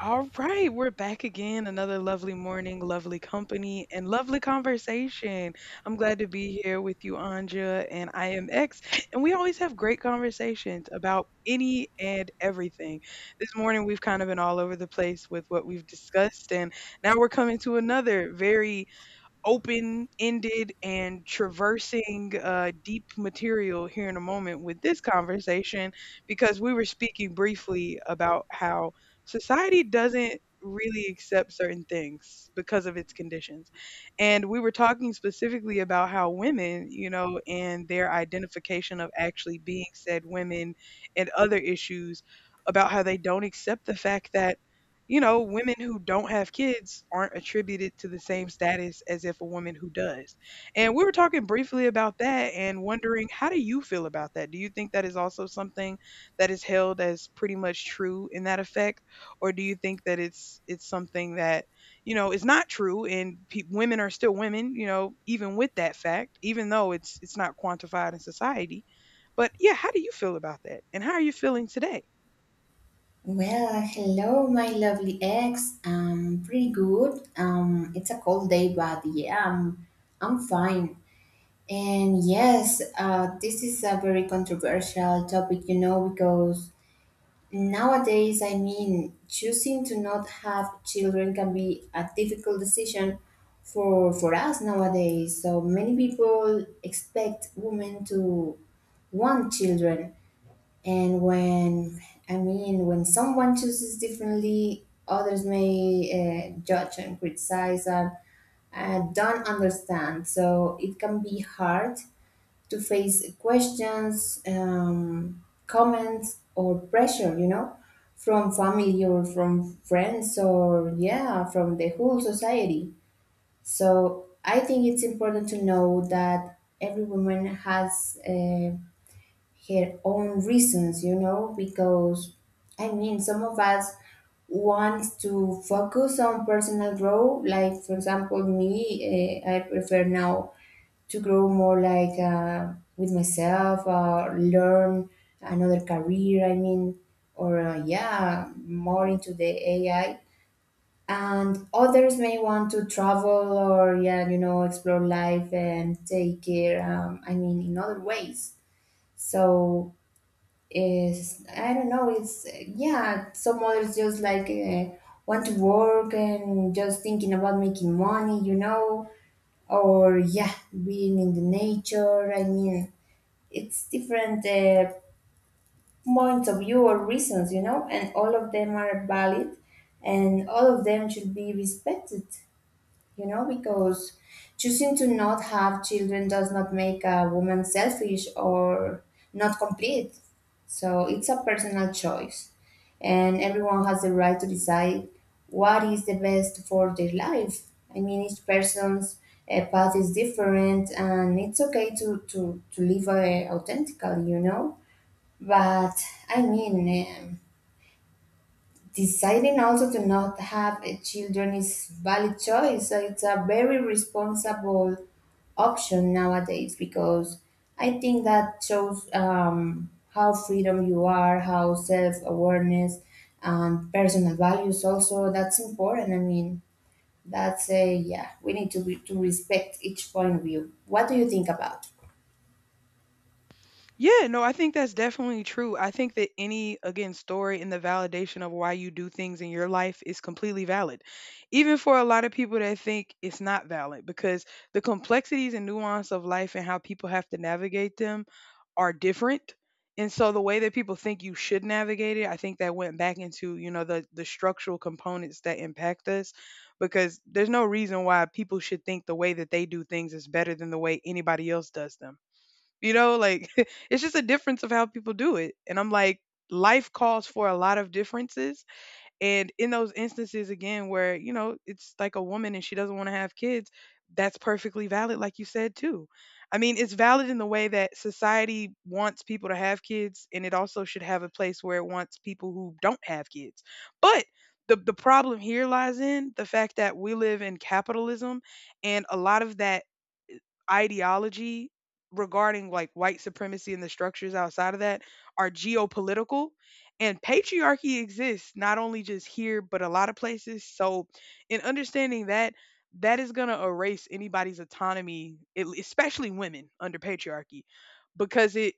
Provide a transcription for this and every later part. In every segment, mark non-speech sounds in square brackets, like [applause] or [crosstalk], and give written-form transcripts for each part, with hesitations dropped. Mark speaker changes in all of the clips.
Speaker 1: All right, we're back again. Another lovely morning, lovely company, and lovely conversation. I'm glad to be here with you, Anja, and I am X. And we always have great conversations about any and everything. This morning, we've kind of been all over the place with what we've discussed, and now we're coming to another very open ended and traversing deep material here in a moment with this conversation because we were speaking briefly about how society doesn't really accept certain things because of its conditions. And we were talking specifically about how women, and their identification of actually being said women and other issues about how they don't accept the fact that women who don't have kids aren't attributed to the same status as if a woman who does. And we were talking briefly about that and wondering, how do you feel about that? Do you think that is also something that is held as pretty much true in that effect, or do you think that it's something that, is not true, and women are still women, even with that fact, even though it's not quantified in society? But yeah, how do you feel about that? And how are you feeling today?
Speaker 2: Well, hello, my lovely ex. Pretty good. It's a cold day, but yeah, I'm fine. And yes, this is a very controversial topic, you know, because nowadays, I mean, choosing to not have children can be a difficult decision for us nowadays. So many people expect women to want children and when, I mean, when someone chooses differently, others may judge and criticize and don't understand. So it can be hard to face questions, comments, or pressure, you know, from family or from friends or, yeah, from the whole society. So I think it's important to know that every woman has her own reasons, you know, because I mean, some of us want to focus on personal growth. Like, for example, me, I prefer now to grow more like with myself, learn another career, I mean, or yeah, more into the AI. And others may want to travel or, yeah, you know, explore life and take care, I mean, in other ways. So is I don't know. It's yeah. Some others just like want to work and just thinking about making money, you know, or yeah, being in the nature. I mean, it's different points of view or reasons, you know, and all of them are valid, and all of them should be respected, you know, because choosing to not have children does not make a woman selfish or not complete. So it's a personal choice, and everyone has the right to decide what is the best for their life. I mean, each person's path is different, and it's okay to to live authentically, you know. But I mean. Um, deciding also to not have a children is valid choice. It's a very responsible option nowadays because I think that shows how freedom you are, how self awareness and personal values also. That's important. I mean, that's a yeah. We need to be, to respect each point of view. What do you think about?
Speaker 1: Yeah, no, I think that's definitely true. I think that any, again, story and the validation of why you do things in your life is completely valid. Even for a lot of people that think it's not valid, because the complexities and nuance of life and how people have to navigate them are different. And so the way that people think you should navigate it, I think that went back into, the structural components that impact us because there's no reason why people should think the way that they do things is better than the way anybody else does them. You know, like [laughs] it's just a difference of how people do it. And I'm like, life calls for a lot of differences. And in those instances, again, where, you know, it's like a woman and she doesn't want to have kids, that's perfectly valid, like you said, too. I mean, it's valid in the way that society wants people to have kids, and it also should have a place where it wants people who don't have kids. But the problem here lies in the fact that we live in capitalism, and a lot of that ideology regarding like white supremacy and the structures outside of that are geopolitical, and patriarchy exists not only just here but a lot of places. So in understanding that, that is going to erase anybody's autonomy, especially women under patriarchy, because it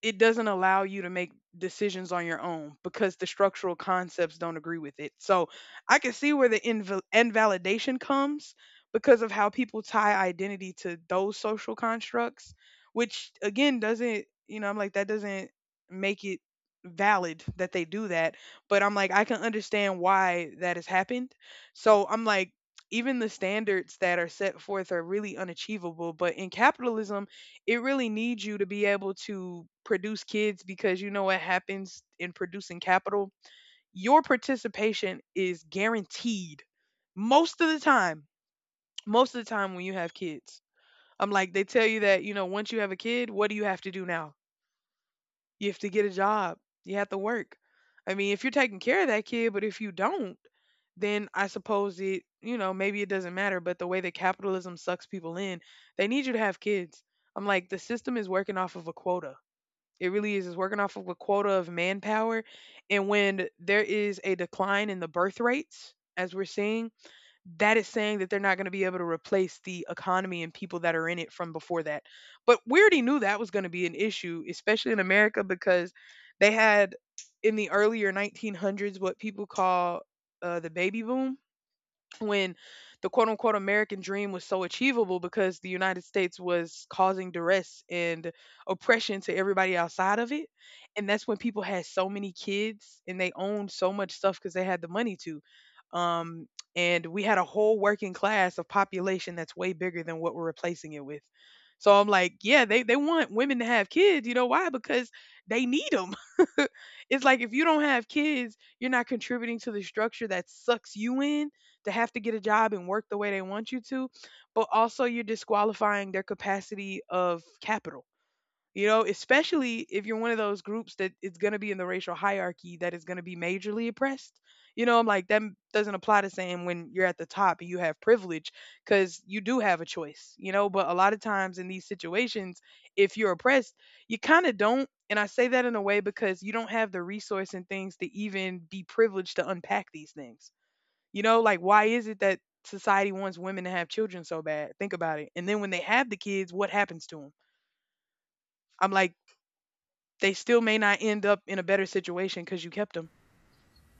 Speaker 1: it doesn't allow you to make decisions on your own because the structural concepts don't agree with it. So I can see where the invalidation comes because of how people tie identity to those social constructs, which again doesn't, you know, I'm like, that doesn't make it valid that they do that. But I'm like, I can understand why that has happened. So I'm like, even the standards that are set forth are really unachievable. But in capitalism, it really needs you to be able to produce kids because you know what happens in producing capital? Your participation is guaranteed most of the time. Most of the time when you have kids. I'm like, they tell you that, once you have a kid, what do you have to do now? You have to get a job, you have to work. I mean, if you're taking care of that kid, but if you don't, then I suppose it, maybe it doesn't matter. But the way that capitalism sucks people in, they need you to have kids. I'm like, the system is working off of a quota. It really is. It's working off of a quota of manpower. And when there is a decline in the birth rates, as we're seeing, that is saying that they're not going to be able to replace the economy and people that are in it from before that. But we already knew that was going to be an issue, especially in America, because they had in the earlier 1900s what people call the baby boom when the quote unquote American dream was so achievable because the United States was causing duress and oppression to everybody outside of it. And that's when people had so many kids and they owned so much stuff because they had the money to. Um, and we had a whole working class of population that's way bigger than what we're replacing it with. So I'm like, yeah, they want women to have kids. You know why? Because they need them. [laughs] It's like if you don't have kids, you're not contributing to the structure that sucks you in to have to get a job and work the way they want you to, but also you're disqualifying their capacity of capital. You know, especially if you're one of those groups that is going to be in the racial hierarchy that is going to be majorly oppressed. You know, I'm like, that doesn't apply the same when you're at the top and you have privilege because you do have a choice. But a lot of times in these situations, if you're oppressed, you kind of don't. And I say that in a way because you don't have the resource and things to even be privileged to unpack these things, you know, like why is it that society wants women to have children so bad? Think about it. And then when they have the kids, what happens to them? I'm like, they still may not end up in a better situation because you kept them.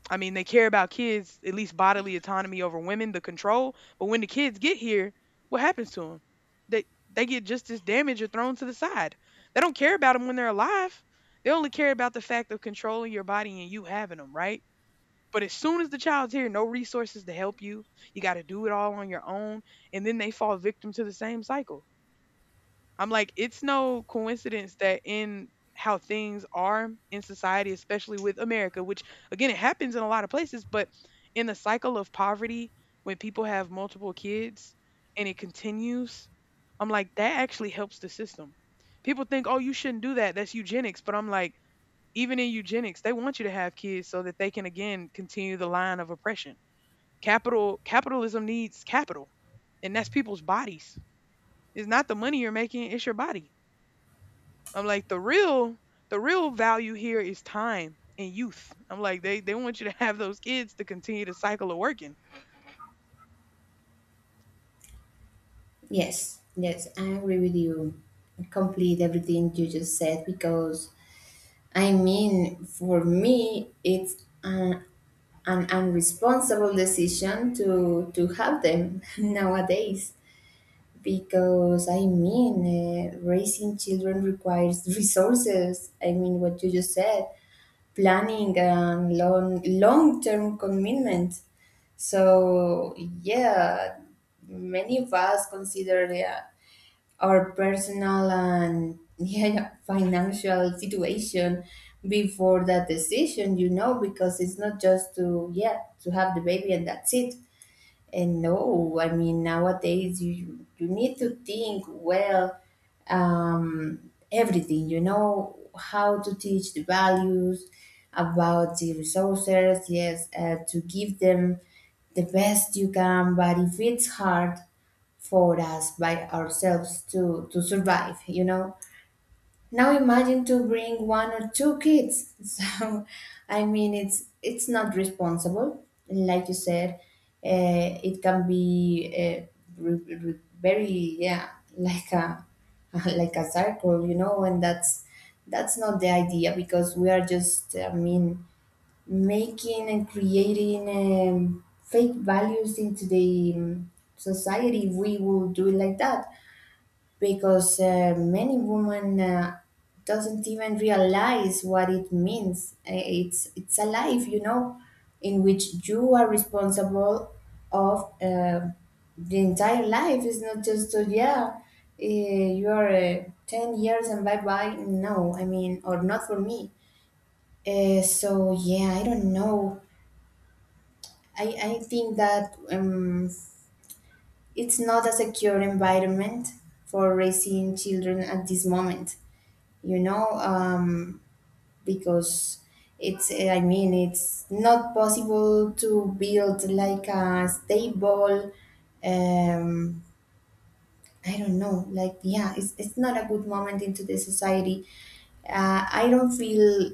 Speaker 1: I mean, they care about kids, at least bodily autonomy over women, the control. But when the kids get here, what happens to them? They they get just as damaged or thrown to the side. They don't care about them when they're alive. They only care about the fact of controlling your body and you having them, right? But as soon as the child's here, no resources to help you. You got to do it all on your own. And then they fall victim to the same cycle. I'm like, it's no coincidence that in how things are in society, especially with America, which again, it happens in a lot of places, but in the cycle of poverty, when people have multiple kids and it continues, I'm like, that actually helps the system. People think, oh, you shouldn't do that. That's eugenics. But I'm like, even in eugenics, they want you to have kids so that they can again continue the line of oppression. Capitalism needs capital, and that's people's bodies. It's not the money you're making, it's your body. I'm like, the real value here is time and youth. I'm like, they want you to have those kids to continue the cycle of working.
Speaker 2: Yes, yes, I agree with you. I complete everything you just said because I mean, for me, it's an unresponsible decision to have them [laughs] nowadays. Because I mean, raising children requires [laughs] resources. I mean, what you just said, planning and long term commitment. So yeah, many of us consider yeah, our personal and [laughs] yeah, financial situation before that decision, you know, because it's not just to yeah to have the baby and that's it. And no, I mean nowadays you need to think well, everything. You know how to teach the values about the resources. Yes, to give them the best you can. But if it's hard for us by ourselves to survive, you know, now imagine to bring one or two kids. [laughs] So, I mean, it's not responsible, like you said. It can be very yeah, like a [laughs] like a circle, you know, and that's not the idea because we are just I mean making and creating fake values into the society. If we will do it like that because many women doesn't even realize what it means. It's a life, you know, in which you are responsible of the entire life. It's not just you are 10 years and bye bye. No, I mean, or not for me. So yeah, I don't know. I think that it's not a secure environment for raising children at this moment, you know, because I mean, it's not possible to build like a stable, um, I don't know, like, yeah, it's not a good moment into the society. I don't feel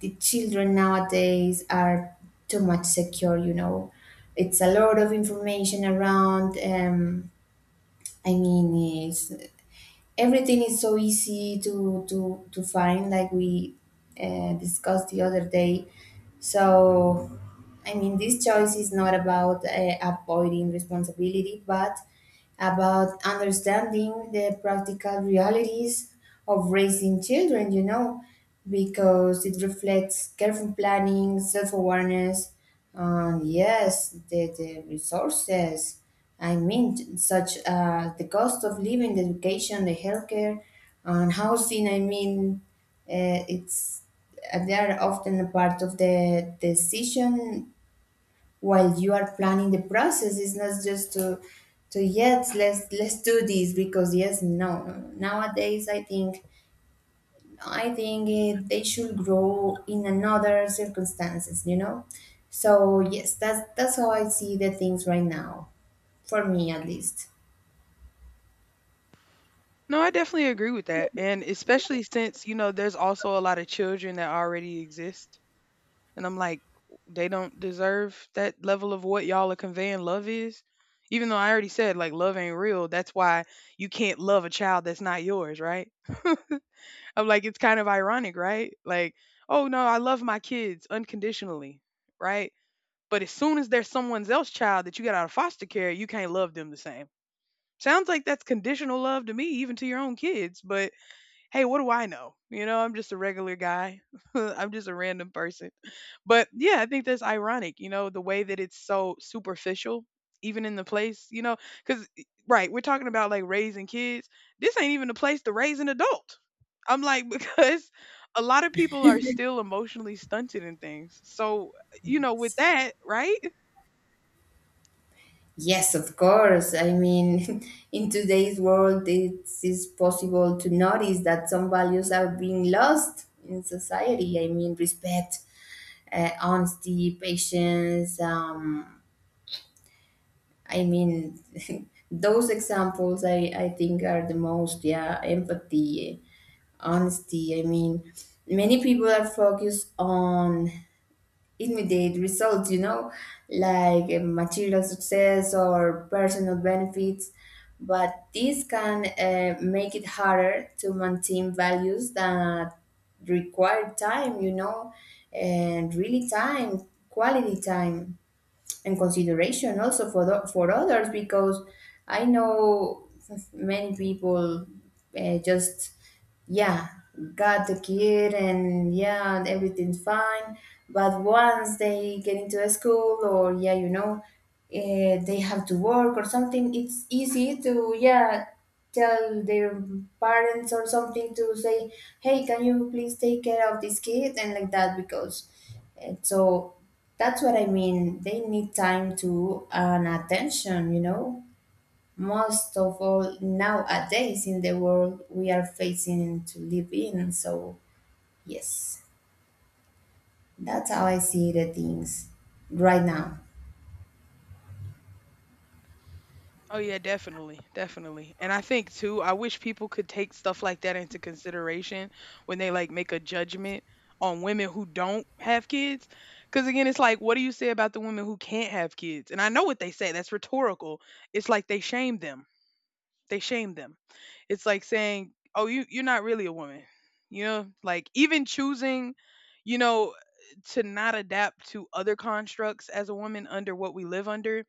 Speaker 2: the children nowadays are too much secure, you know. It's a lot of information around. I mean, it's everything is so easy to to find like we discussed the other day. So I mean this choice is not about avoiding responsibility but about understanding the practical realities of raising children, you know, because it reflects careful planning, self awareness, and yes, the resources. I mean, such the cost of living, the education, the healthcare, and housing. I mean, it's they are often a part of the decision while you are planning the process. It's not just to yes let's do this because yes no no, no. nowadays i think it, they should grow in another circumstances, you know. So yes, that's how I see the things right now, for me at least.
Speaker 1: No, I definitely agree with that. And especially since, you know, there's also a lot of children that already exist. And I'm like, they don't deserve that level of what y'all are conveying love is. Even though I already said, like, love ain't real. That's why you can't love a child that's not yours, right? [laughs] I'm like, it's kind of ironic, right? Like, oh no, I love my kids unconditionally, right? But as soon as there's someone else's child that you got out of foster care, you can't love them the same. Sounds like that's conditional love to me, even to your own kids. But hey, what do I know? You know, I'm just a regular guy. [laughs] I'm just a random person. But yeah, I think that's ironic, you know, the way that it's so superficial, even in the place, you know, because, right, we're talking about like raising kids. This ain't even the place to raise an adult. I'm like, [laughs] because a lot of people are still emotionally stunted in things. So, you know, with that, right?
Speaker 2: Yes, of course. I mean, [laughs] in today's world, it is possible to notice that some values are being lost in society. I mean, respect, honesty, patience. I mean, [laughs] those examples I think are the most, yeah, empathy, honesty. I mean, many people are focused on immediate results, you know, like material success or personal benefits. But this can make it harder to maintain values that require time, you know, and really time, quality time and consideration also for for others because I know many people just yeah got the kid and yeah and everything's fine but once they get into a school or yeah you know they have to work or something. It's easy to yeah tell their parents or something to say hey can you please take care of this kid and like that because and so that's what I mean. They need time to and attention, you know. Most of all nowadays in the world we are facing to live in. So yes, that's how I see the things right now.
Speaker 1: Oh yeah, definitely, definitely. And I think too, I wish people could take stuff like that into consideration when they like make a judgment on women who don't have kids. Cuz again, it's like what do you say about the women who can't have kids? And I know what they say, that's rhetorical. It's like they shame them. They shame them. It's like saying, "Oh, you're not really a woman." You know, like even choosing, you know, to not adapt to other constructs as a woman under what we live under,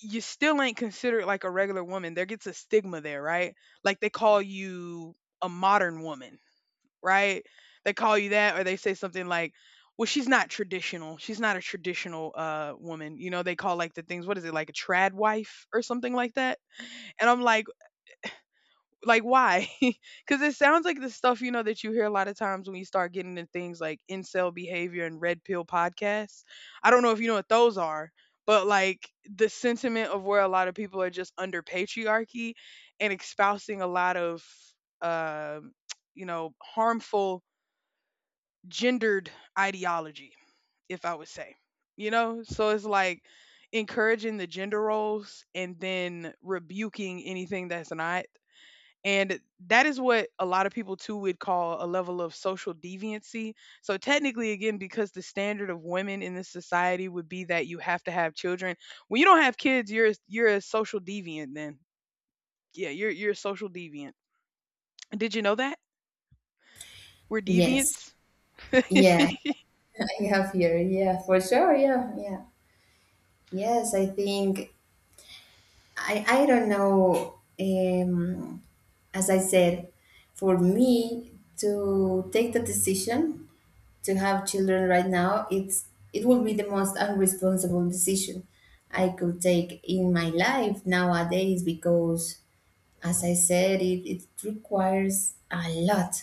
Speaker 1: you still ain't considered like a regular woman. There gets a stigma there, right? Like they call you a modern woman, right? They call you that, or they say something like, "Well, she's not traditional. She's not a traditional woman." You know, they call like the things. What is it like a trad wife or something like that? And I'm like, why? [laughs] Because it sounds like the stuff you know that you hear a lot of times when you start getting into things like incel behavior and red pill podcasts. I don't know if you know what those are, but like the sentiment of where a lot of people are just under patriarchy and espousing a lot of um, [tsk] harmful gendered ideology, if I would say, So it's like encouraging the gender roles and then rebuking anything that's not, and that is what a lot of people too would call a level of social deviancy. So technically, again, because the standard of women in this society would be that you have to have children. When you don't have kids, you're a social deviant. Then, yeah, you're a social deviant. Did you know that we're
Speaker 2: Yes.
Speaker 1: deviants? [laughs] Oh,
Speaker 2: Yeah, [laughs] I have here. Yeah, for sure. Yeah, yeah. Yes, I think I don't know. As I said, for me to take the decision to have children right now, it will be the most unresponsible decision I could take in my life nowadays because, as I said, it requires a lot,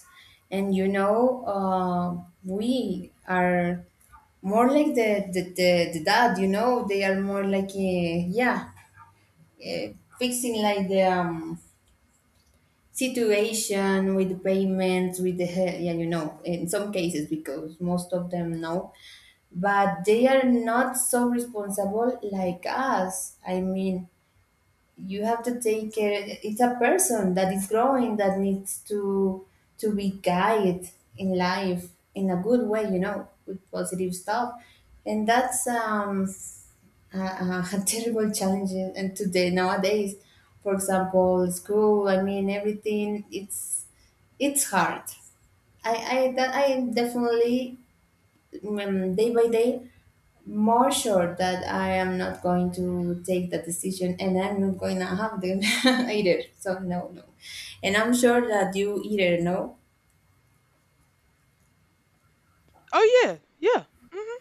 Speaker 2: and you know, we are more like the dad. You know, they are more like uh, fixing like the situation with the payments with yeah you know in some cases because most of them know but they are not so responsible like us. I mean you have to take care. It's a person that is growing that needs to be guided in life in a good way, you know, with positive stuff. And that's a [laughs] a terrible challenge and today nowadays for example school. I mean everything it's hard. I that I definitely day by day more sure that I am not going to take that decision and I'm not going to have them [laughs] either. So no, no. And I'm sure that you either know.
Speaker 1: yeah, yeah. Hmm.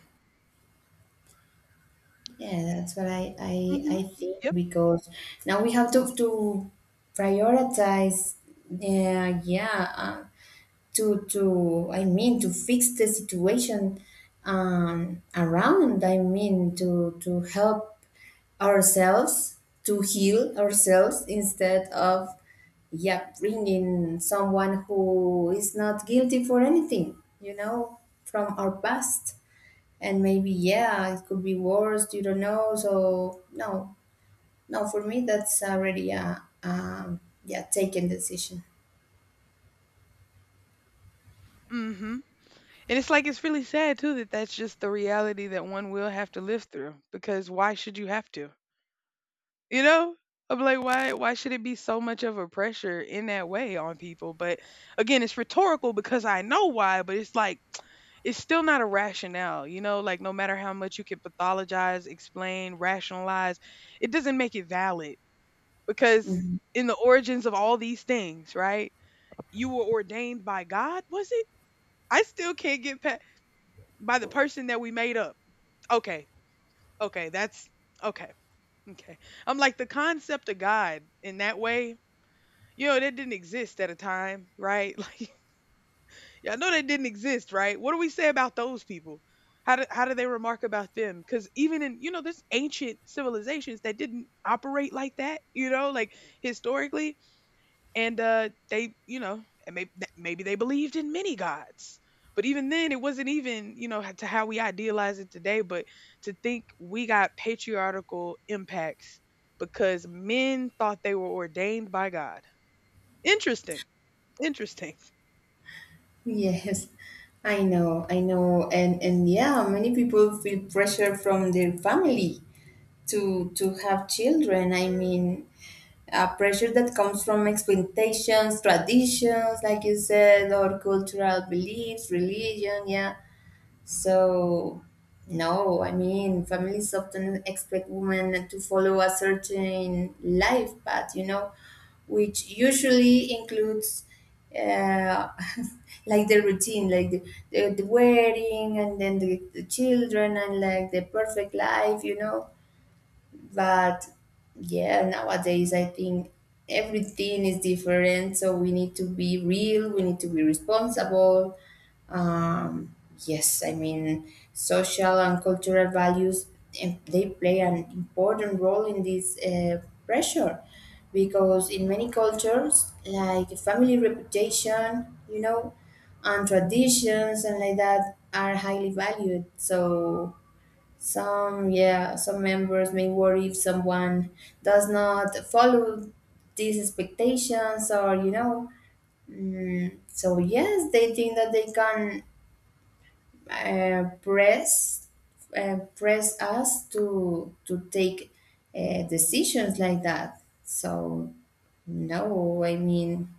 Speaker 2: Yeah, that's what I, I,
Speaker 1: Hmm.
Speaker 2: I think
Speaker 1: Yep.
Speaker 2: because now we have to prioritize. Yeah, yeah. To I mean to fix the situation around. I mean to help ourselves to heal ourselves instead of yeah bringing someone who is not guilty for anything you know from our past and maybe yeah it could be worse you don't know so no no for me that's already a yeah taken decision.
Speaker 1: Hmm. And it's like it's really sad too that that's just the reality that one will have to live through. Because why should you have to? You know? I'm like, why should it be so much of a pressure in that way on people? But again, it's rhetorical because I know why, but it's like it's still not a rationale, you know, like no matter how much you can pathologize, explain, rationalize, it doesn't make it valid because
Speaker 2: Mm-hmm.
Speaker 1: in the origins of all these things, right? You were ordained by God, was it? I still can't get past by the person that we made up. Okay. Okay, that's okay. Okay. I'm like the concept of God in that way. You know, that didn't exist at a time, right? [laughs] Like, yeah, I know that didn't exist, right? What do we say about those people? How do they remark about them? Because even in, you know, there's ancient civilizations that didn't operate like that, you know, like historically. And they, you know, and maybe, maybe they believed in many gods. But even then, it wasn't even, you know, to how we idealize it today. But to think we got patriarchal impacts because men thought they were ordained by God. Interesting. Interesting.
Speaker 2: Yes, I know, and yeah, many people feel pressure from their family to have children. I mean, pressure that comes from expectations, traditions, like you said, or cultural beliefs, religion. Yeah, so, no, I mean, families often expect women to follow a certain life path, you know, which usually includes uh, [laughs] like the routine, like the wedding and then the children and like the perfect life, you know. But yeah nowadays I think everything is different so we need to be real we need to be responsible. um, yes I mean social and cultural values they play an important role in this pressure because in many cultures like family reputation you know and traditions and like that are highly valued. So some, yeah, some members may worry if someone does not follow these expectations, or you know, mm, so yes, they think that they can uh, press press us to take decisions like that. So no, I mean,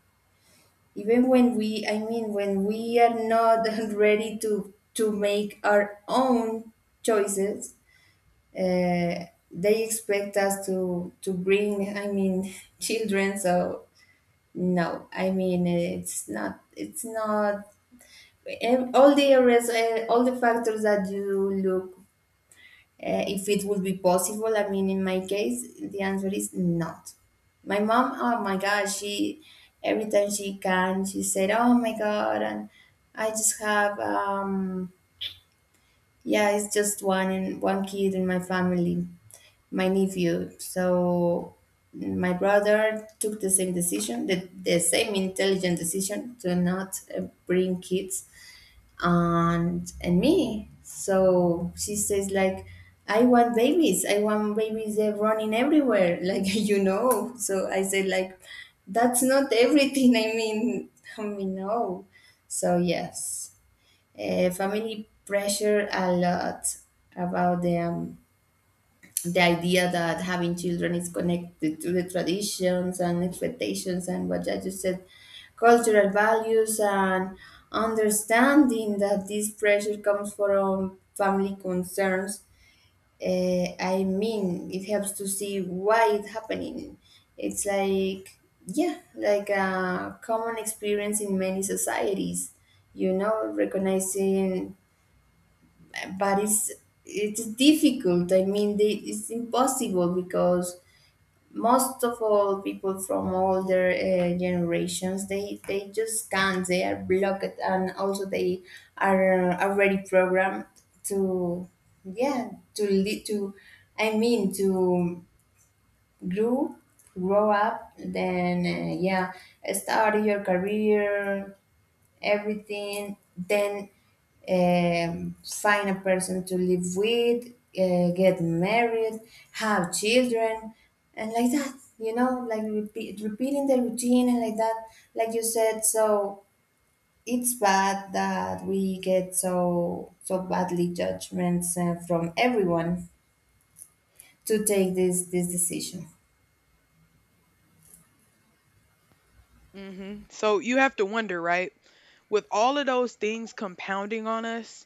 Speaker 2: even when we, I mean, when we are not [laughs] ready to make our own choices, uh, they expect us to bring I mean [laughs] children. So no I mean it's not all the areas all the factors that you look if it would be possible. I mean in my case the answer is not. My mom oh my god she every time she can she said oh my god. And I just have yeah, it's just one in one kid in my family, my nephew. So my brother took the same decision, the same intelligent decision to not bring kids, and me. So she says like I want babies. I want babies running everywhere, [laughs] like you know. So I said like that's not everything. [laughs] I mean no. So yes. Family pressure a lot about the idea that having children is connected to the traditions and expectations and what I just said, cultural values. And understanding that this pressure comes from family concerns, I mean, it helps to see why it's happening. It's like, yeah, like a common experience in many societies, you know, recognizing but it's difficult. I mean they, it's impossible because most of all people from older generations they just can't. They are blocked and also they are already programmed to yeah to lead to I mean to grow up, then yeah start your career everything, then find a person to live with, get married, have children, and like that, you know, like repeat, repeating the routine and like that, like you said. So it's bad that we get so badly judgments from everyone to take this decision.
Speaker 1: Hmm. So you have to wonder, right? With all of those things compounding on us,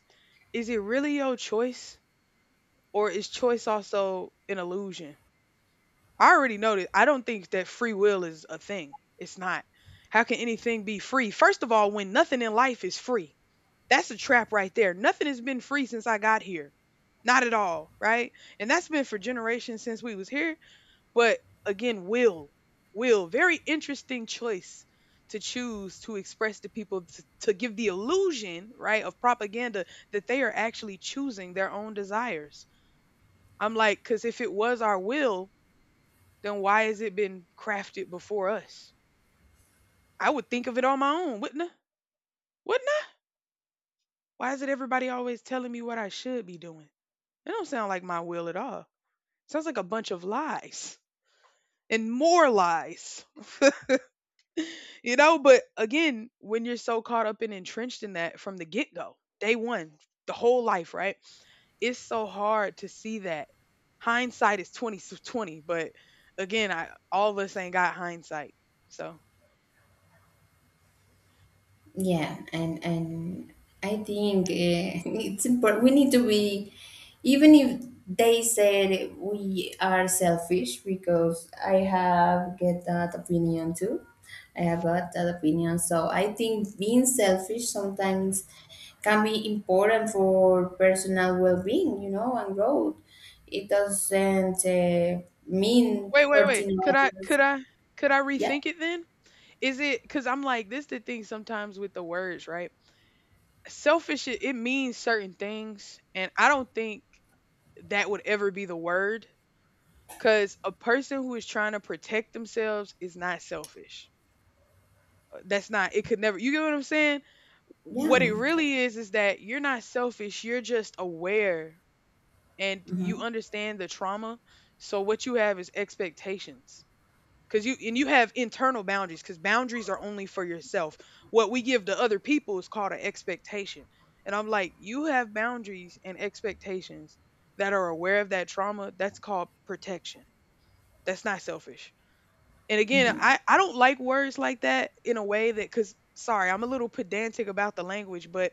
Speaker 1: is it really your choice, or is choice also an illusion? I already know that I don't think that free will is a thing. It's not. How can anything be free? First of all, when nothing in life is free, that's a trap right there. Nothing has been free since I got here. Not at all, right? And that's been for generations since we was here. But again, Will, very interesting choice to choose to express to people to give the illusion, right, of propaganda that they are actually choosing their own desires. I'm like, because if it was our will, then why has it been crafted before us? I would think of it on my own, wouldn't I? Wouldn't I? Why is it everybody always telling me what I should be doing? It don't sound like my will at all. Sounds like a bunch of lies and more lies. You know, but again, when you're so caught up and entrenched in that from the get go, day one, the whole life, right? It's so hard to see that. Hindsight is 20/20, but again, I all of us ain't got hindsight. So
Speaker 2: Yeah, and I think [laughs] it's important. We need to be, even if they said we are selfish, because I have get that opinion too. I have got that opinion. So I think being selfish sometimes can be important for personal well-being, you know, and growth. It doesn't mean
Speaker 1: wait, wait, wait.
Speaker 2: hurting
Speaker 1: Could I
Speaker 2: others.
Speaker 1: could I could I
Speaker 2: Yeah,
Speaker 1: rethink it then? Is it because I'm like this? The thing sometimes with the words, right? Selfish, it means certain things, and I don't think that would ever be the word. Because a person who is trying to protect themselves is not selfish. That's not, it could never, you get what I'm saying?
Speaker 2: yeah.
Speaker 1: What it really is that you're not selfish, you're just aware and you understand the trauma. So what you have is expectations. Cause you have internal boundaries because boundaries are only for yourself. What we give to other people is called an expectation. And I'm like, you have boundaries and expectations that are aware of that trauma. That's called protection. That's not selfish. And again,
Speaker 2: Mm-hmm,
Speaker 1: I don't like words like that in a way that cuz sorry, I'm a little pedantic about the language, but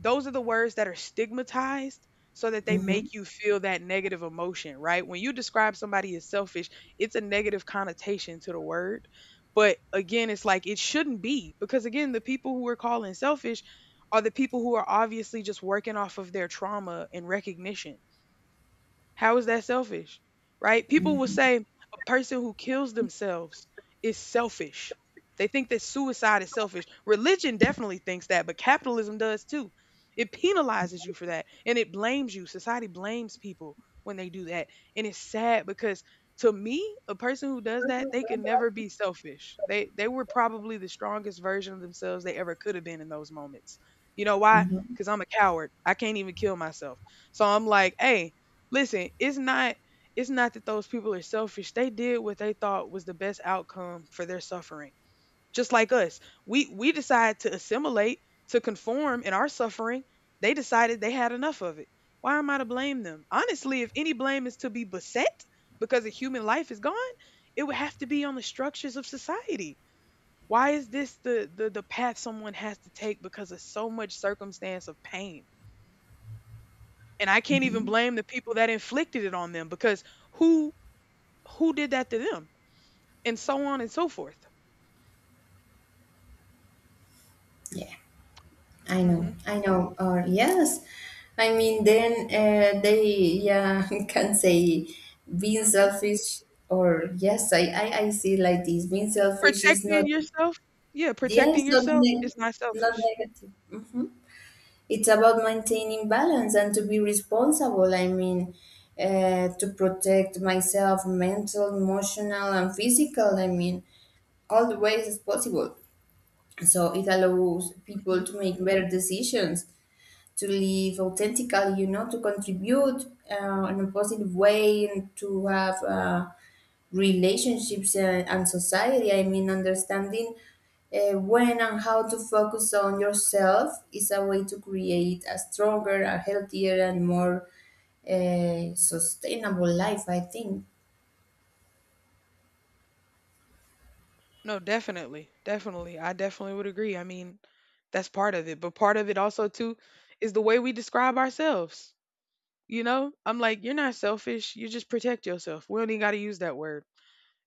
Speaker 1: those are the words that are stigmatized so that they
Speaker 2: mm-hmm,
Speaker 1: make you feel that negative emotion, right? When you describe somebody as selfish, it's a negative connotation to the word. But again, it's like it shouldn't be because again, the people who we're calling selfish are the people who are obviously just working off of their trauma and recognition. How is that selfish? Right? People will say a person who kills themselves is selfish. They think that suicide is selfish. Religion definitely thinks that, but capitalism does too. It penalizes you for that and it blames you. Society blames people when they do that. And it's sad because to me, a person who does that, they can never be selfish. They were probably the strongest version of themselves they ever could have been in those moments. You know why?
Speaker 2: mm-hmm.
Speaker 1: Cuz I'm a coward. I can't even kill myself. So I'm like, "Hey, listen, it's not that those people are selfish. They did what they thought was the best outcome for their suffering. Just like us. We decide to assimilate, to conform in our suffering. They decided they had enough of it. Why am I to blame them? Honestly, if any blame is to be beset because a human life is gone, it would have to be on the structures of society. Why is this the path someone has to take because of so much circumstance of pain? And I can't even blame the people that inflicted it on them because who did that to them and so on and so forth.
Speaker 2: Yeah. I know,
Speaker 1: Hmm.
Speaker 2: I know. Or yes, I mean, then they yeah [laughs] can say being
Speaker 1: Hmm.
Speaker 2: selfish. Or yes, I see like this. Being selfish is not
Speaker 1: Protecting yourself, yeah,
Speaker 2: yeah,
Speaker 1: protecting
Speaker 2: it's
Speaker 1: yourself is not
Speaker 2: not
Speaker 1: selfish.
Speaker 2: negative. It's about maintaining balance and to be responsible. I mean, to protect myself, mental, emotional, and physical. I mean, all the ways as possible. So it allows people
Speaker 1: Hmm.
Speaker 2: to make better decisions, to live authentically, you know, to contribute in a positive way and to have relationships and society. I mean, understanding when and how to focus on yourself is a way to create a stronger, a healthier, and more sustainable life, I think.
Speaker 1: No, definitely, I definitely would agree. I mean, that's part of it, but part of it also too is the way we describe ourselves, you know. I'm like, you're not selfish, you just protect yourself. We don't even got to use that word,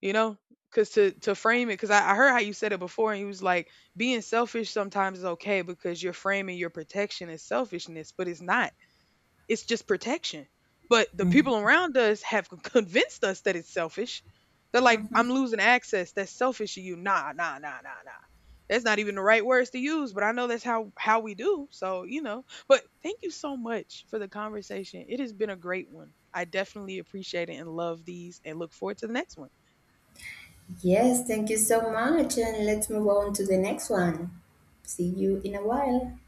Speaker 1: you know, because to frame it because I heard how you said it before and he was like being selfish sometimes is okay because you're framing your protection as selfishness, but it's not. It's just protection. But the people
Speaker 2: Mhm.
Speaker 1: around us have convinced us that it's selfish. They're like, I'm
Speaker 2: Mhm.
Speaker 1: losing access. That's selfish of you. Nah, nah, nah, nah, nah. That's not even the right words to use, but I know that's how we do. So, you know. But thank you so much for the conversation. It has been a great one. I definitely appreciate it and love these and look forward to the next one.
Speaker 2: Yes, thank you so much. And let's move on to the next one. See you in a while.